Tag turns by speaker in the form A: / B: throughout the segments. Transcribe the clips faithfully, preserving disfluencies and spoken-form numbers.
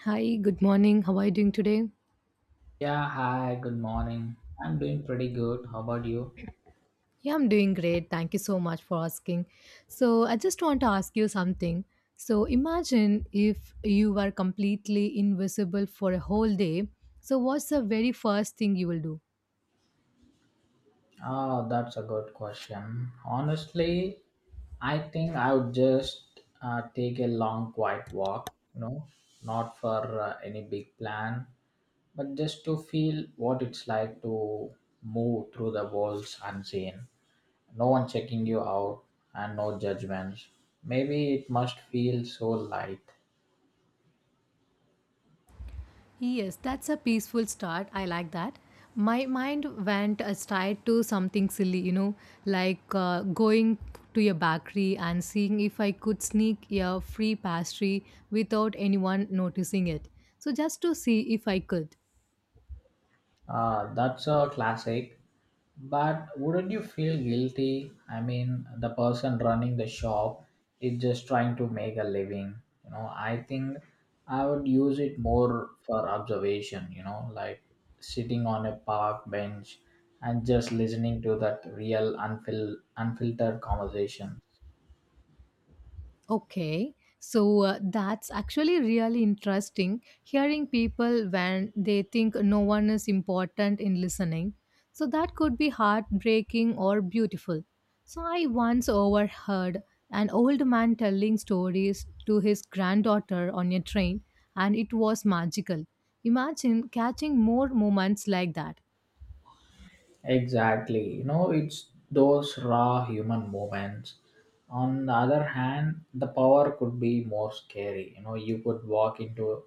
A: Hi, good morning. How are you doing today?
B: Yeah, hi, good morning. I'm doing pretty good. How about you?
A: Yeah, I'm doing great. Thank you so much for asking. So, I just want to ask you something. So, imagine if you were completely invisible for a whole day. So, what's the very first thing you will do?
B: Oh, that's a good question. Honestly, I think I would just uh, take a long, quiet walk, you know, not for uh, any big plan, but just to feel what it's like to move through the walls unseen. No one checking you out and no judgments. Maybe it must feel so light.
A: Yes, that's a peaceful start. I like that. My mind went aside to something silly, you know, like uh, going to a bakery and seeing if I could sneak a free pastry without anyone noticing it. So, just to see if I could.
B: Uh, that's a classic. But wouldn't you feel guilty? I mean, the person running the shop is just trying to make a living. You know, I think I would use it more for observation, you know, like sitting on a park bench and just listening to that real unfil- unfiltered conversation.
A: Okay, so uh, that's actually really interesting hearing people when they think no one is important in listening. So that could be heartbreaking or beautiful. So I once overheard an old man telling stories to his granddaughter on a train, and it was magical. Imagine catching more moments like that.
B: Exactly. You know, it's those raw human moments. On the other hand, the power could be more scary. You know, you could walk into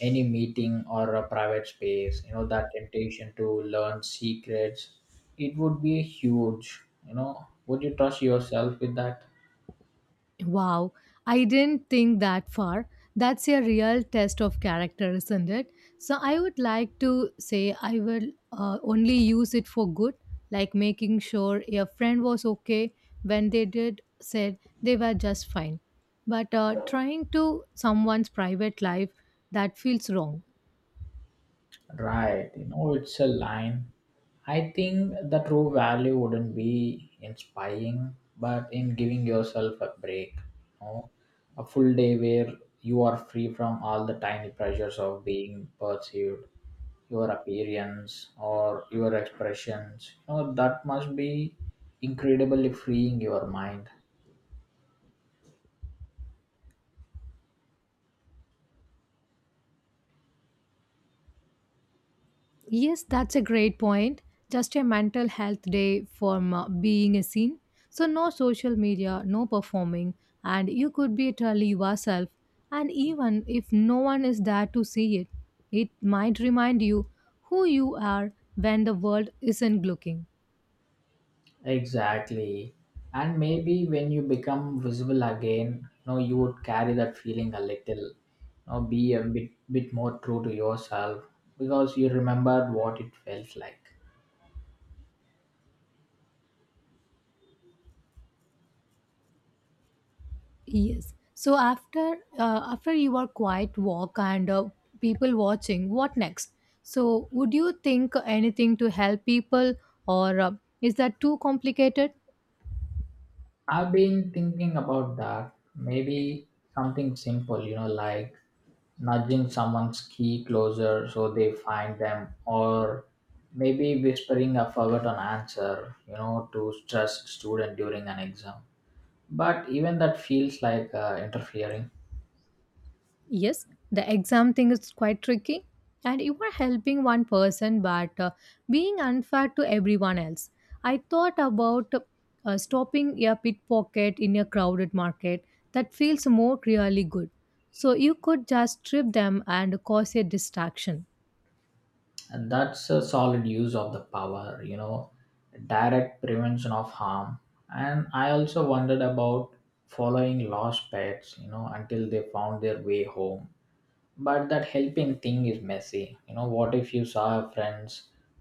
B: any meeting or a private space. You know, that temptation to learn secrets, it would be huge. You know, would you trust yourself with that?
A: Wow, I didn't think that far. That's a real test of character, isn't it? So I would like to say I will uh, only use it for good, like making sure a friend was okay when they did said they were just fine. But uh, trying to someone's private life that feels wrong.
B: Right, you know, it's a line. I think the true value wouldn't be in spying, but in giving yourself a break. You know, a full day where you are free from all the tiny pressures of being perceived, your appearance or your expressions. You know, that must be incredibly freeing your mind.
A: Yes, that's a great point. Just a mental health day for m- being a scene. So, no social media, no performing, and you could be totally yourself. And even if no one is there to see it, it might remind you who you are when the world isn't looking.
B: Exactly. And maybe when you become visible again, you know, you would carry that feeling a little, you know, be a bit, bit more true to yourself because you remembered what it felt like.
A: Yes. So, after uh, after your quiet walk and uh, people watching, what next? So, would you think anything to help people, or uh, is that too complicated?
B: I've been thinking about that. Maybe something simple, you know, like nudging someone's key closer so they find them, or maybe whispering a forgotten answer, you know, to stressed student during an exam. But even that feels like uh, interfering.
A: Yes, the exam thing is quite tricky, and you are helping one person but uh, being unfair to everyone else. I thought about uh, stopping a pickpocket in a crowded market that feels more really good. So you could just strip them and cause a distraction.
B: And that's a solid use of the power, you know, direct prevention of harm. And I also wondered about following lost pets, you know, until they found their way home. But that helping thing is messy. You know, what if you saw a friends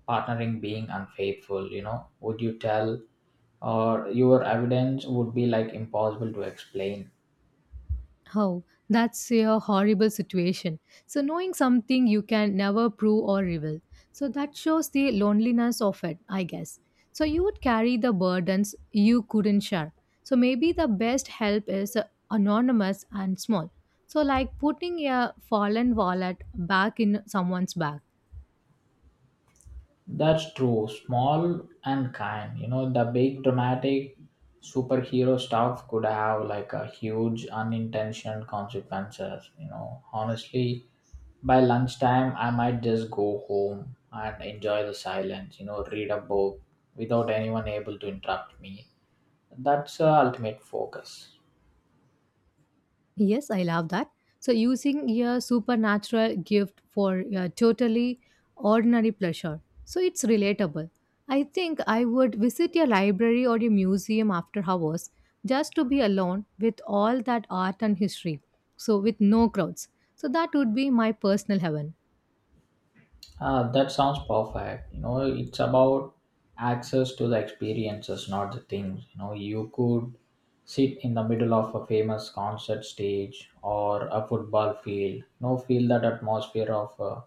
B: partnering being unfaithful, you know, would you tell? Or your evidence would be like impossible to explain.
A: Oh, that's a horrible situation. So, knowing something you can never prove or reveal. So, that shows the loneliness of it, I guess. So, you would carry the burdens you couldn't share. So, maybe the best help is uh, anonymous and small. So, like putting a fallen wallet back in someone's bag.
B: That's true. Small and kind. You know, the big dramatic superhero stuff could have like a huge unintentional consequences. You know, honestly, by lunchtime, I might just go home and enjoy the silence. You know, read a book without anyone able to interrupt me. That's the ultimate focus.
A: Yes, I love that. So, using your supernatural gift for a totally ordinary pleasure. So, it's relatable. I think I would visit a library or a museum after hours just to be alone with all that art and history. So, with no crowds. So, that would be my personal heaven.
B: Ah, that sounds perfect. You know, it's about access to the experiences, not the things. You know, you could sit in the middle of a famous concert stage or a football field. You know, feel that atmosphere of a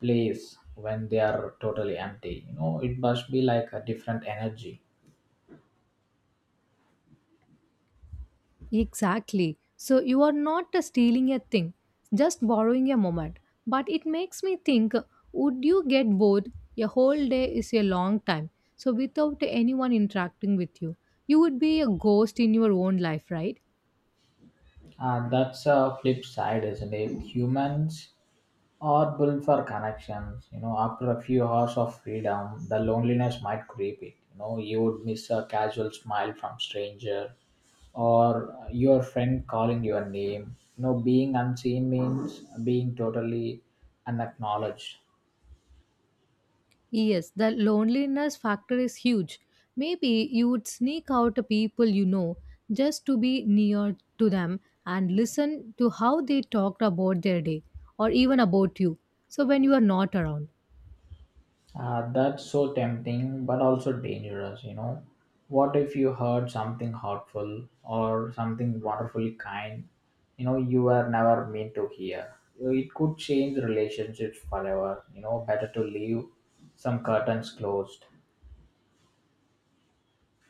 B: place when they are totally empty. You know, it must be like a different energy.
A: Exactly. So you are not uh, stealing a thing, just borrowing a moment. But it makes me think uh, would you get bored? A whole day is a long time. So without anyone interacting with you, you would be a ghost in your own life, right?
B: Uh, that's a flip side, isn't it? Humans or build for connections. You know, after a few hours of freedom, the loneliness might creep it. You know, you would miss a casual smile from stranger or your friend calling your name. You know, being unseen means being totally unacknowledged.
A: Yes, the loneliness factor is huge. Maybe you would sneak out to people you know just to be near to them and listen to how they talked about their day or even about you. So when you are not around.
B: Uh, that's so tempting, but also dangerous, you know. What if you heard something hurtful or something wonderfully kind, you know, you were never meant to hear? Uh, It could change relationships forever, you know, better to leave some curtains closed.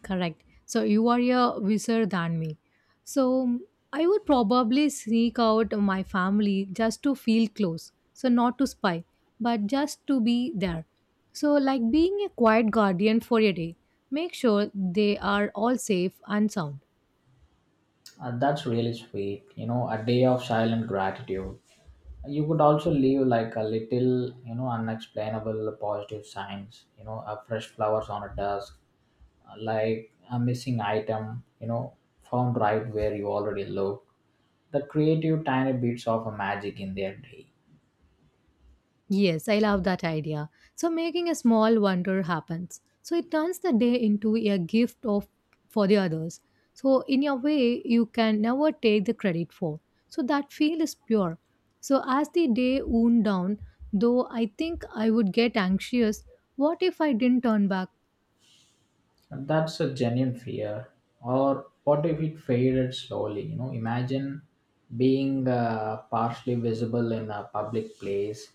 A: Correct. So you are a wiser than me. So I would probably sneak out of my family just to feel close. So not to spy, but just to be there. So like being a quiet guardian for a day. Make sure they are all safe and sound.
B: Uh, that's really sweet, you know, a day of silent gratitude. You could also leave like a little, you know, unexplainable positive signs, you know, a fresh flowers on a desk. Uh, like a missing item, you know, found right where you already looked. The creative tiny bits of a magic in their day.
A: Yes, I love that idea. So making a small wonder happens. So it turns the day into a gift of for the others. So in your way you can never take the credit for. So that feel is pure. So as the day wound down, though I think I would get anxious, what if I didn't turn back?
B: And that's a genuine fear. Or what if it faded slowly? You know, imagine being uh, partially visible in a public place.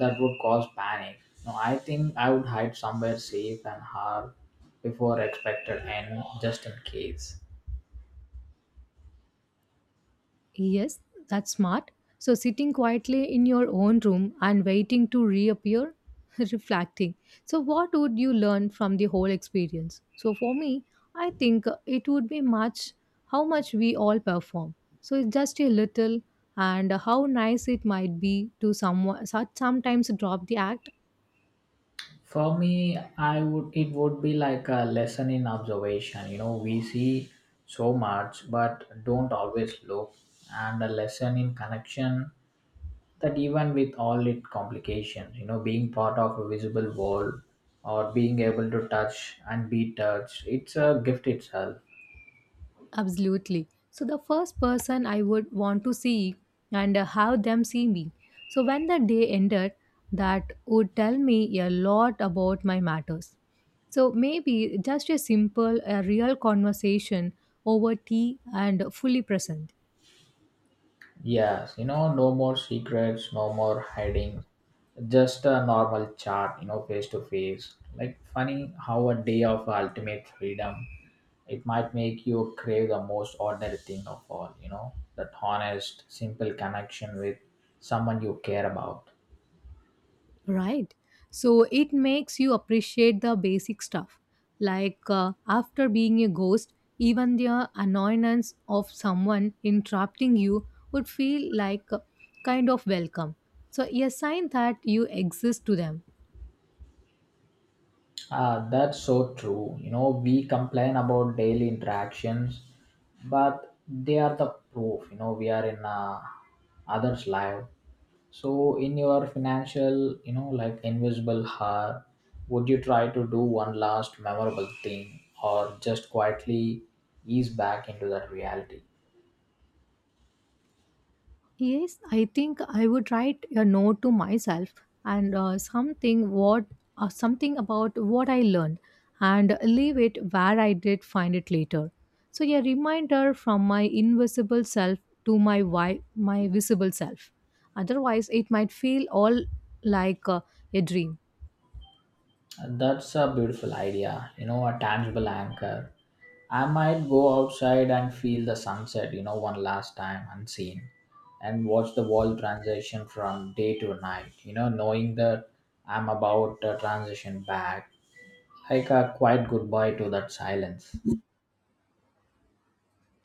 B: That would cause panic. No, I think I would hide somewhere safe and hard before expected end, just in case.
A: Yes, that's smart. So, sitting quietly in your own room and waiting to reappear, reflecting. So, what would you learn from the whole experience? So, for me, I think uh, it would be much how much we all perform. So, it's just a little, and how nice it might be to someone, so- sometimes drop the act.
B: For me, I would it would be like a lesson in observation. You know, we see so much but don't always look, and a lesson in connection that even with all its complications, you know, being part of a visible world or being able to touch and be touched, it's a gift itself.
A: Absolutely. So the first person I would want to see and uh, have them see me. So when the day ended, that would tell me a lot about my matters. So maybe just a simple, a real conversation over tea and fully present.
B: Yes, you know, no more secrets, no more hiding, just a normal chat, you know, face to face. Like funny how a day of ultimate freedom it might make you crave the most ordinary thing of all, you know, that honest, simple connection with someone you care about.
A: Right. So it makes you appreciate the basic stuff. Like uh, after being a ghost, even the annoyance of someone interrupting you would feel like a kind of welcome. So a sign that you exist to them.
B: Ah, that's so true. You know, we complain about daily interactions, but they are the proof. You know, we are in uh, others' life. So, in your financial, you know, like invisible heart, would you try to do one last memorable thing, or just quietly ease back into that reality?
A: Yes, I think I would write a note to myself and uh, something what uh, something about what I learned and leave it where I did find it later. So a reminder from my invisible self to my wi- my visible self. Otherwise, it might feel all like uh, a dream.
B: That's a beautiful idea, you know, a tangible anchor. I might go outside and feel the sunset, you know, one last time unseen and watch the world transition from day to night, you know, knowing that I'm about to transition back, like a quiet goodbye to that silence.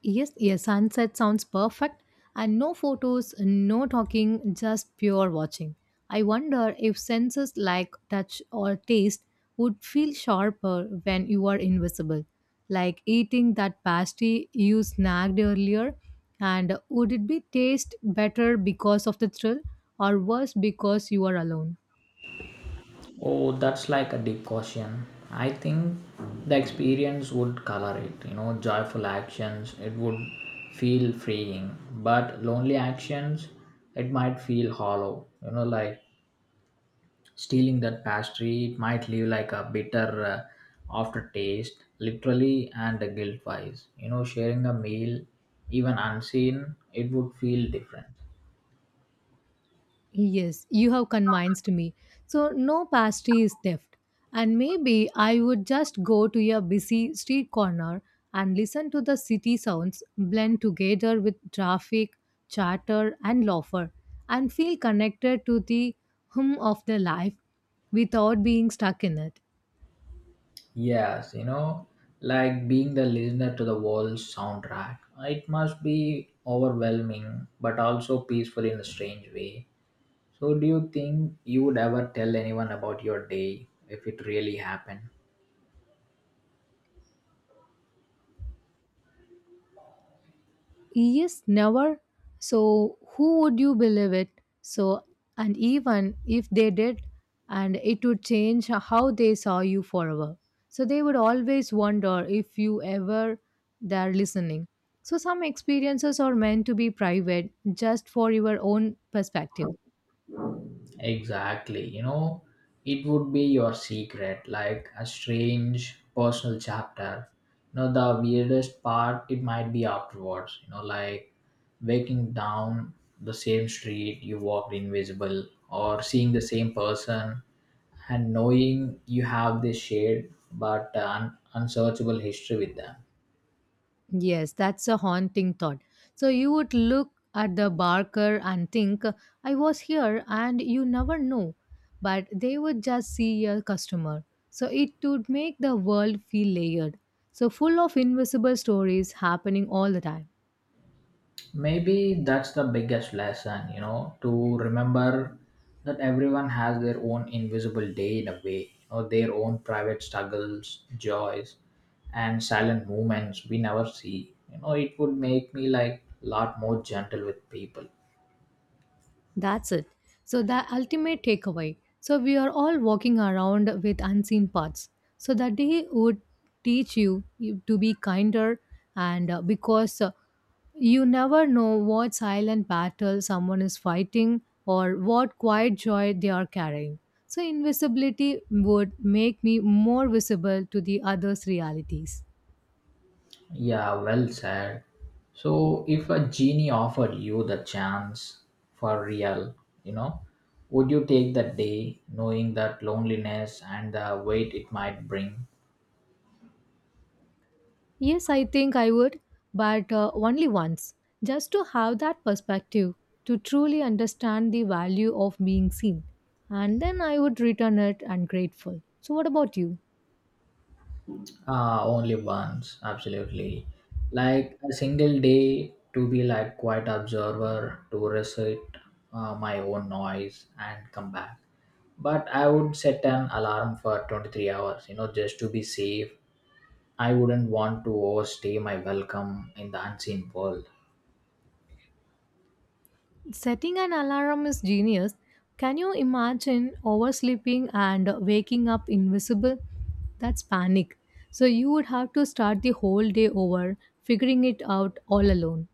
A: Yes, a sunset sounds perfect, and no photos, no talking, just pure watching. I wonder if senses like touch or taste would feel sharper when you are invisible. Like eating that pasty you snagged earlier, and would it be taste better because of the thrill or worse because you are alone?
B: Oh, that's like a deep question. I think the experience would color it. You know, joyful actions, it would feel freeing. But lonely actions, it might feel hollow. You know, like stealing that pastry, it might leave like a bitter uh, aftertaste, literally and guilt wise. You know, sharing a meal, even unseen, it would feel different.
A: Yes, you have convinced me. So, no pastry is theft. And maybe I would just go to a busy street corner and listen to the city sounds blend together with traffic, chatter, and laughter and feel connected to the hum of the life without being stuck in it.
B: Yes, you know, like being the listener to the world's soundtrack, it must be overwhelming but also peaceful in a strange way. So, do you think you would ever tell anyone about your day if it really happened?
A: Yes, never. So, who would you believe it? So, and even if they did, and it would change how they saw you forever. So, they would always wonder if you ever there listening. So, some experiences are meant to be private just for your own perspective.
B: Exactly. You know, it would be your secret, like a strange personal chapter. You know, the weirdest part, it might be afterwards, you know, like waking down the same street you walked invisible or seeing the same person and knowing you have this shared but uh, un- unsearchable history with them.
A: Yes, that's a haunting thought. So you would look at the barker and think, I was here, and you never know. But they would just see a customer. So it would make the world feel layered. So full of invisible stories happening all the time.
B: Maybe that's the biggest lesson, you know, to remember that everyone has their own invisible day in a way, you know, their own private struggles, joys, and silent moments we never see. You know, it would make me like lot more gentle with people.
A: That's it. So, the ultimate takeaway. So, we are all walking around with unseen parts. So, that day would teach you you to be kinder, and uh, because uh, you never know what silent battle someone is fighting or what quiet joy they are carrying. So, invisibility would make me more visible to the others' realities.
B: Yeah, well said. So, if a genie offered you the chance for real, you know, would you take that day knowing that loneliness and the weight it might bring?
A: Yes, I think I would, but uh, only once, just to have that perspective, to truly understand the value of being seen. And then I would return it and grateful. So, what about you?
B: Ah, only once, absolutely. Like a single day to be like quiet observer to recite uh, my own noise and come back. But I would set an alarm for twenty-three hours, you know, just to be safe. I wouldn't want to overstay my welcome in the unseen world.
A: Setting an alarm is genius. Can you imagine oversleeping and waking up invisible? That's panic. So, you would have to start the whole day over, figuring it out all alone.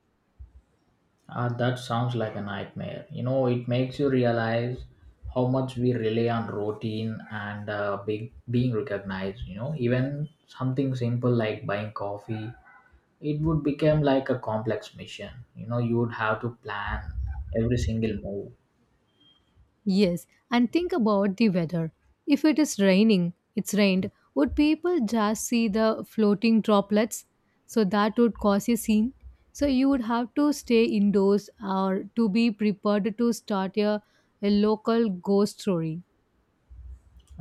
B: Ah, that sounds like a nightmare. You know, it makes you realize how much we rely on routine and uh, big, being recognized. You know, even something simple like buying coffee, it would become like a complex mission. You know, you would have to plan every single move.
A: Yes, and think about the weather. If it is raining, it's rained, would people just see the floating droplets? So that would cause a scene. So you would have to stay indoors or to be prepared to start a, a local ghost story.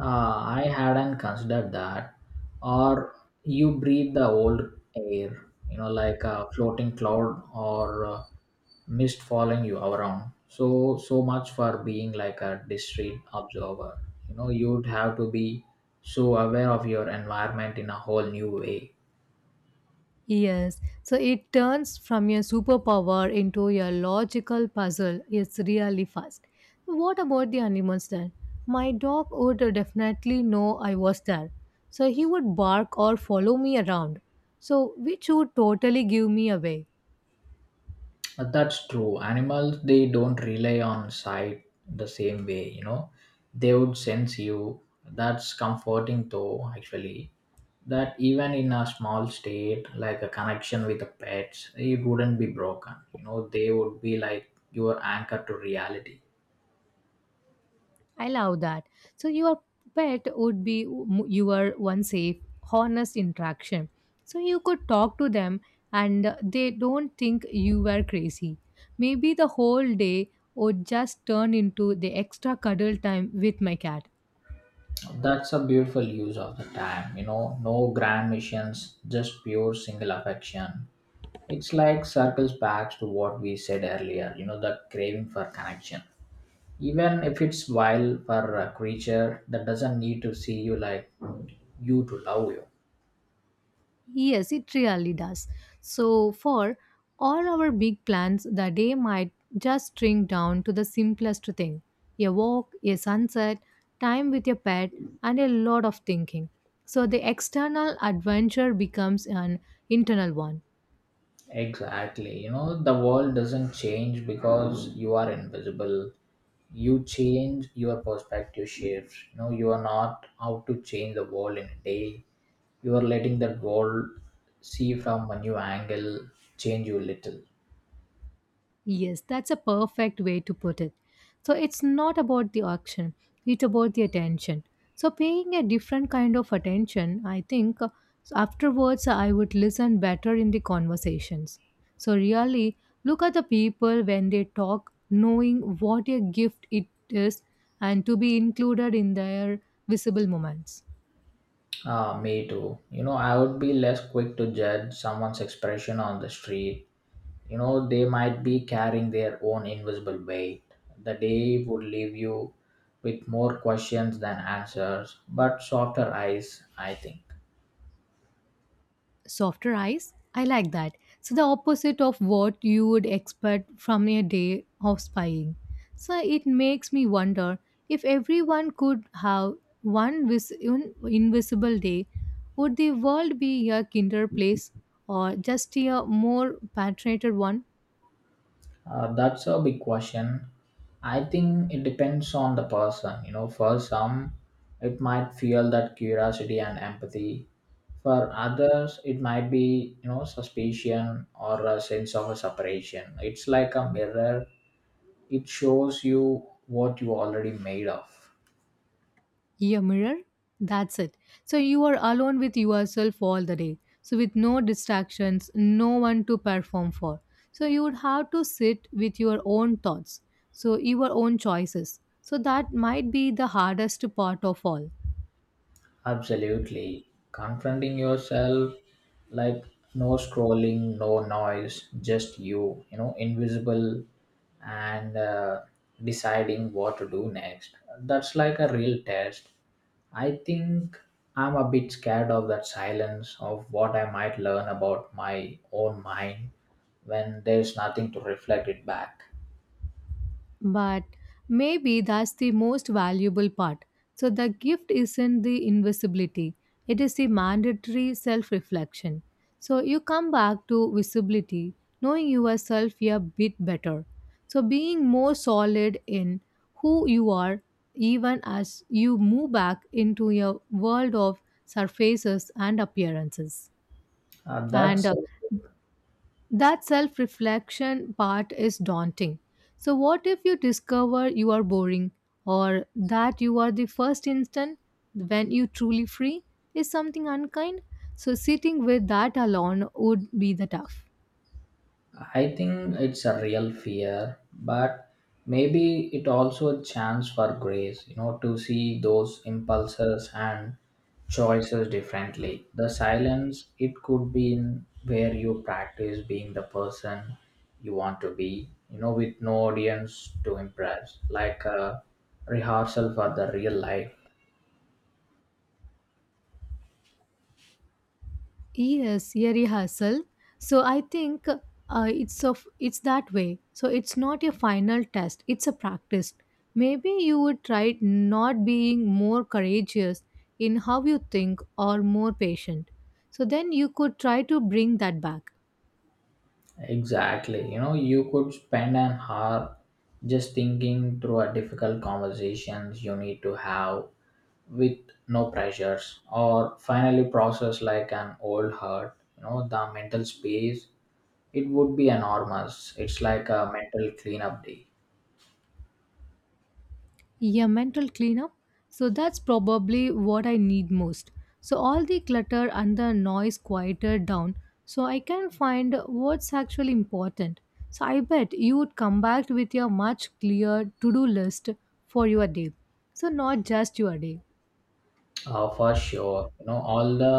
B: Uh, I hadn't considered that. Or you breathe the old air, you know, like a floating cloud or uh, mist following you around. So, so much for being like a discreet observer. You know, you'd have to be so aware of your environment in a whole new way.
A: Yes, so it turns from your superpower into your logical puzzle. It's really fast. So, What about the animals then? My dog would definitely know I was there, so he would bark or follow me around. So, which would totally give me away.
B: Uh, That's true. Animals, they don't rely on sight the same way, you know. They would sense you. That's comforting, though, actually. That even in a small state, like a connection with the pets, it wouldn't be broken. You know, they would be like your anchor to reality.
A: I love that. So your pet would be w- your one safe, honest interaction. So you could talk to them and uh, they don't think you were crazy. Maybe the whole day would just turn into the extra cuddle time with my cat.
B: That's a beautiful use of the time, you know. No grand missions, just pure single affection. It's like circles back to what we said earlier, you know, the craving for connection, even if it's vile for a creature that doesn't need to see you, like you, to love you.
A: Yes, it really does. So, for all our big plans, the day might just shrink down to the simplest thing, a walk, a sunset, time with your pet, and a lot of thinking. So, the external adventure becomes an internal one.
B: Exactly. You know, the world doesn't change because you are invisible, you change. Your perspective shifts. You know, you are not out to change the world in a day, you are letting that world see from a new angle, change you little.
A: Yes, that's a perfect way to put it. So it's not about the auction, it's about the attention. So paying a different kind of attention, I think uh, so afterwards uh, I would listen better in the conversations. So really look at the people when they talk, knowing what a gift it is and to be included in their visible moments.
B: Ah, me too. You know, I would be less quick to judge someone's expression on the street. You know, they might be carrying their own invisible weight. The day would leave you with more questions than answers, but softer eyes, I think.
A: softer eyes. I like that. So the opposite of what you would expect from a day of spying. So it makes me wonder if everyone could have one vis- un- invisible day, would the world be a kinder place or just a more patronated one?
B: Uh, that's a big question. I think it depends on the person. You know, for some it might feel that curiosity and empathy, for others it might be, you know, suspicion or a sense of a separation. It's like a mirror, it shows you what you already made of.
A: Your mirror. That's it. So you are alone with yourself all the day. So with no distractions, no one to perform for. So you would have to sit with your own thoughts. So your own choices. So that might be the hardest part of all.
B: Absolutely. Confronting yourself, like no scrolling, no noise, just you, you know, invisible and uh, deciding what to do next. That's like a real test. I think I'm a bit scared of that silence, of what I might learn about my own mind when there's nothing to reflect it back.
A: But maybe that's the most valuable part. So the gift isn't the invisibility, it is the mandatory self reflection. So you come back to visibility, knowing yourself a bit better. So being more solid in who you are, even as you move back into your world of surfaces and appearances.
B: Uh,
A: And
B: that's
A: uh, that self reflection part is daunting. So, what if you discover you are boring or that you are the first instant when you truly free is something unkind? So, sitting with that alone would be the tough.
B: I think it's a real fear, but maybe it also a chance for grace, you know, to see those impulses and choices differently. The silence it could be in where you practice being the person you want to be, you know, with no audience to impress, like a rehearsal for the real life.
A: Yes, a rehearsal. So I think uh, it's of it's that way. So it's not a final test; it's a practice. Maybe you would try not being more courageous in how you think or more patient. So then you could try to bring that back.
B: Exactly. You know, you could spend an hour just thinking through a difficult conversations you need to have with no pressures or finally processed like an old hurt, you know, the mental space it would be enormous. It's like a mental cleanup day.
A: Yeah, mental cleanup. So that's probably what I need most. So all the clutter and the noise quieted down so I can find what's actually important. So I bet you would come back with a much clearer to do list for your day. So not just your day.
B: Uh, for sure, you know, all the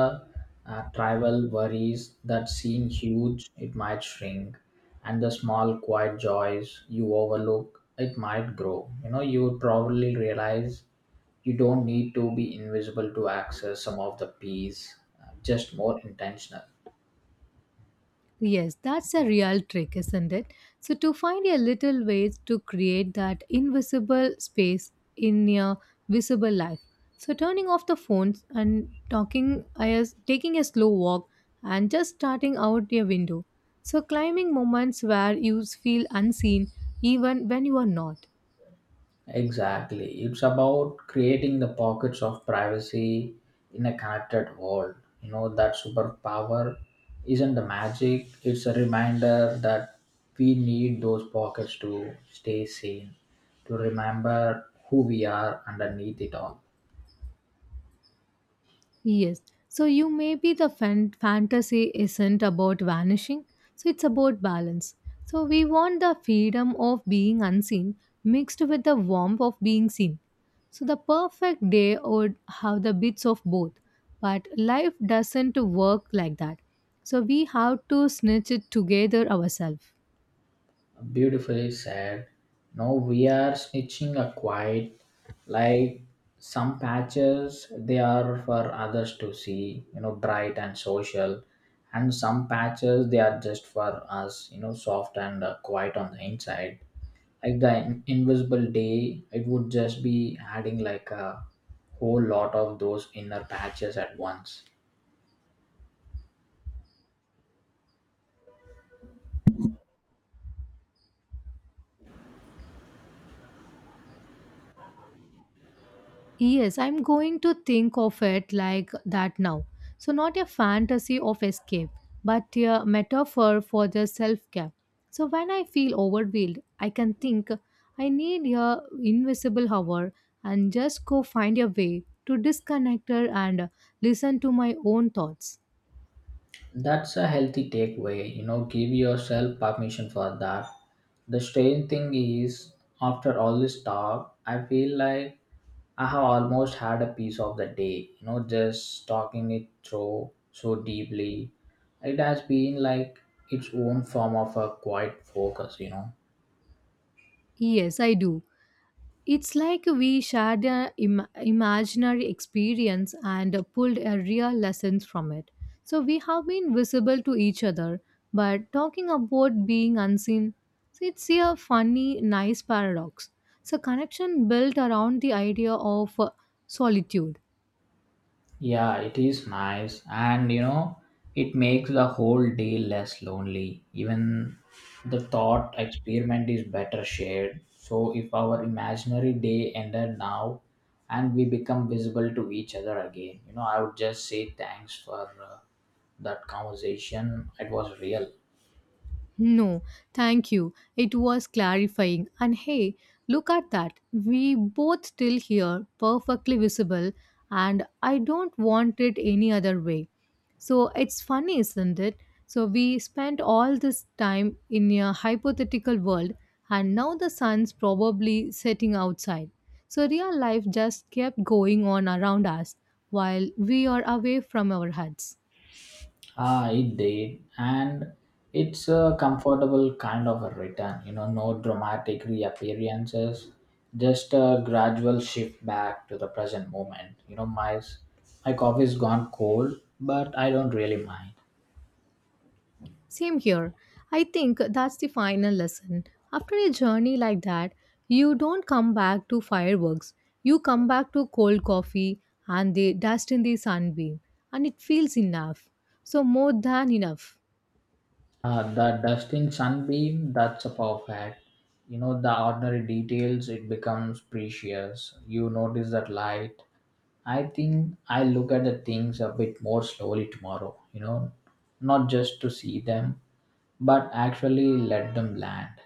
B: uh, tribal worries that seem huge it might shrink, and the small quiet joys you overlook it might grow. You know, you would probably realize you don't need to be invisible to access some of the peace, uh, just more intentional.
A: Yes, that's a real trick, isn't it? So, to find a little ways to create that invisible space in your visible life. So, turning off the phones and talking, as taking a slow walk and just starting out your window. So, climbing moments where you feel unseen even when you are not.
B: Exactly. It's about creating the pockets of privacy in a connected world. You know, that superpower isn't the magic, it's a reminder that we need those pockets to stay sane, to remember who we are underneath it all.
A: Yes. So you may be the fan- fantasy isn't about vanishing, so it's about balance. So we want the freedom of being unseen mixed with the warmth of being seen. So the perfect day would have the bits of both, but life doesn't work like that. So we have to snitch it together ourselves.
B: Beautifully said. Now we are snitching a quiet, like some patches they are for others to see, you know, bright and social, and some patches they are just for us, you know, soft and uh, quiet on the inside. Like the in- invisible day, it would just be adding like a whole lot of those inner patches at once.
A: Yes, I'm going to think of it like that now. So, not a fantasy of escape, but a metaphor for the self care. So, when I feel overwhelmed, I can think I need a invisible hour and just go find a way to disconnect her and listen to my own thoughts.
B: That's a healthy takeaway, you know, give yourself permission for that. The strange thing is, after all this talk, I feel like I have almost had a piece of the day, you know, just talking it through so deeply. It has been like its own form of a quiet focus, you know.
A: Yes, I do. It's like we shared an Im- imaginary experience and pulled a real lessons from it. So we have been visible to each other, but talking about being unseen, so it's a funny, nice paradox. So connection built around the idea of uh, solitude.
B: Yeah, it is nice. And you know, it makes the whole day less lonely. Even the thought experiment is better shared. So if our imaginary day ended now and we become visible to each other again, you know, I would just say thanks for uh, that conversation. It was real.
A: No, thank you. It was clarifying. And hey, look at that. We both still here, perfectly visible, and I don't want it any other way. So it's funny, isn't it? So we spent all this time in a hypothetical world, and now the sun's probably setting outside. So real life just kept going on around us while we are away from our huts.
B: Ah, it did, and it's a comfortable kind of a return. You know, no dramatic reappearances, just a gradual shift back to the present moment. You know, my my coffee's gone cold, but I don't really mind.
A: Same here. I think that's the final lesson. After a journey like that, you don't come back to fireworks. You come back to cold coffee and the dust in the sunbeam, and it feels enough. So, more than enough.
B: Uh, the dusting sunbeam, that's a perfect. You know, the ordinary details, it becomes precious. You notice that light, I think I look at the things a bit more slowly tomorrow, you know, not just to see them, but actually let them land.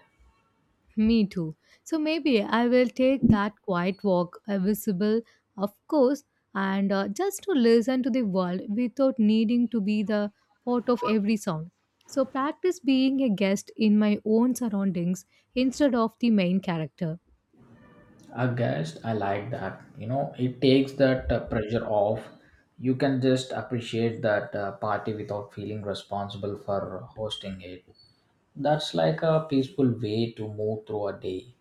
A: Me too. So maybe I will take that quiet walk, uh, visible, of course, and uh, just to listen to the world without needing to be the part of every sound. So practice being a guest in my own surroundings instead of the main character.
B: I guess I like that. You know, it takes that uh, pressure off. You can just appreciate that uh, party without feeling responsible for hosting it. That's like a peaceful way to move through a day.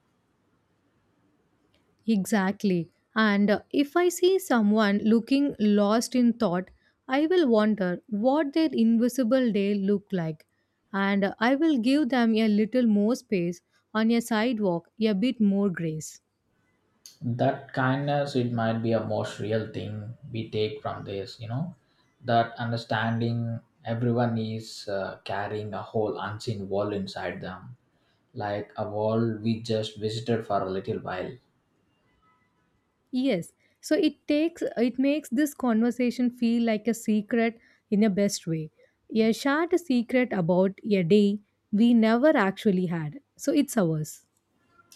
A: Exactly. And uh, if I see someone looking lost in thought, I will wonder what their invisible day look like. And uh, I will give them a little more space on a sidewalk, a bit more grace.
B: That kindness it might be a most real thing we take from this, you know, that understanding everyone is uh, carrying a whole unseen wall inside them, like a wall we just visited for a little while.
A: Yes. So it takes it makes this conversation feel like a secret in a best way. A shared secret about a day we never actually had. So it's ours.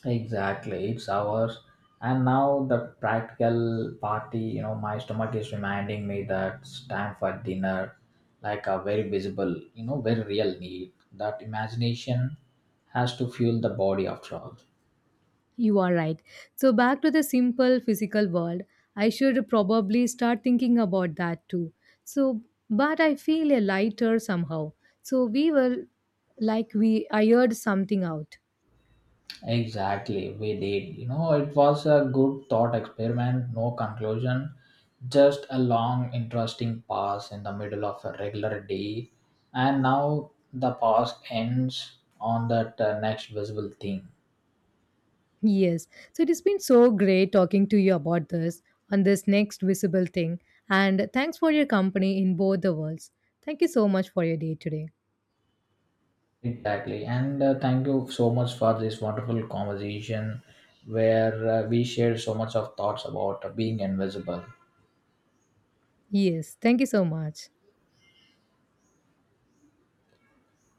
B: Exactly, it's ours. And now the practical party, you know, my stomach is reminding me that it's time for dinner, like a very visible, you know, very real need that imagination has to fuel the body after all.
A: You are right. So, back to the simple physical world, I should probably start thinking about that too. So, but I feel a lighter somehow. So, we were like we ironed something out.
B: Exactly, we did. You know, it was a good thought experiment, no conclusion, just a long, interesting pause in the middle of a regular day. And now the pause ends on that uh, next visible thing.
A: Yes. So, it has been so great talking to you about this on this next visible thing. And thanks for your company in both the worlds. Thank you so much for your day today.
B: Exactly. And uh, thank you so much for this wonderful conversation where uh, we shared so much of thoughts about uh, being invisible.
A: Yes. Thank you so much.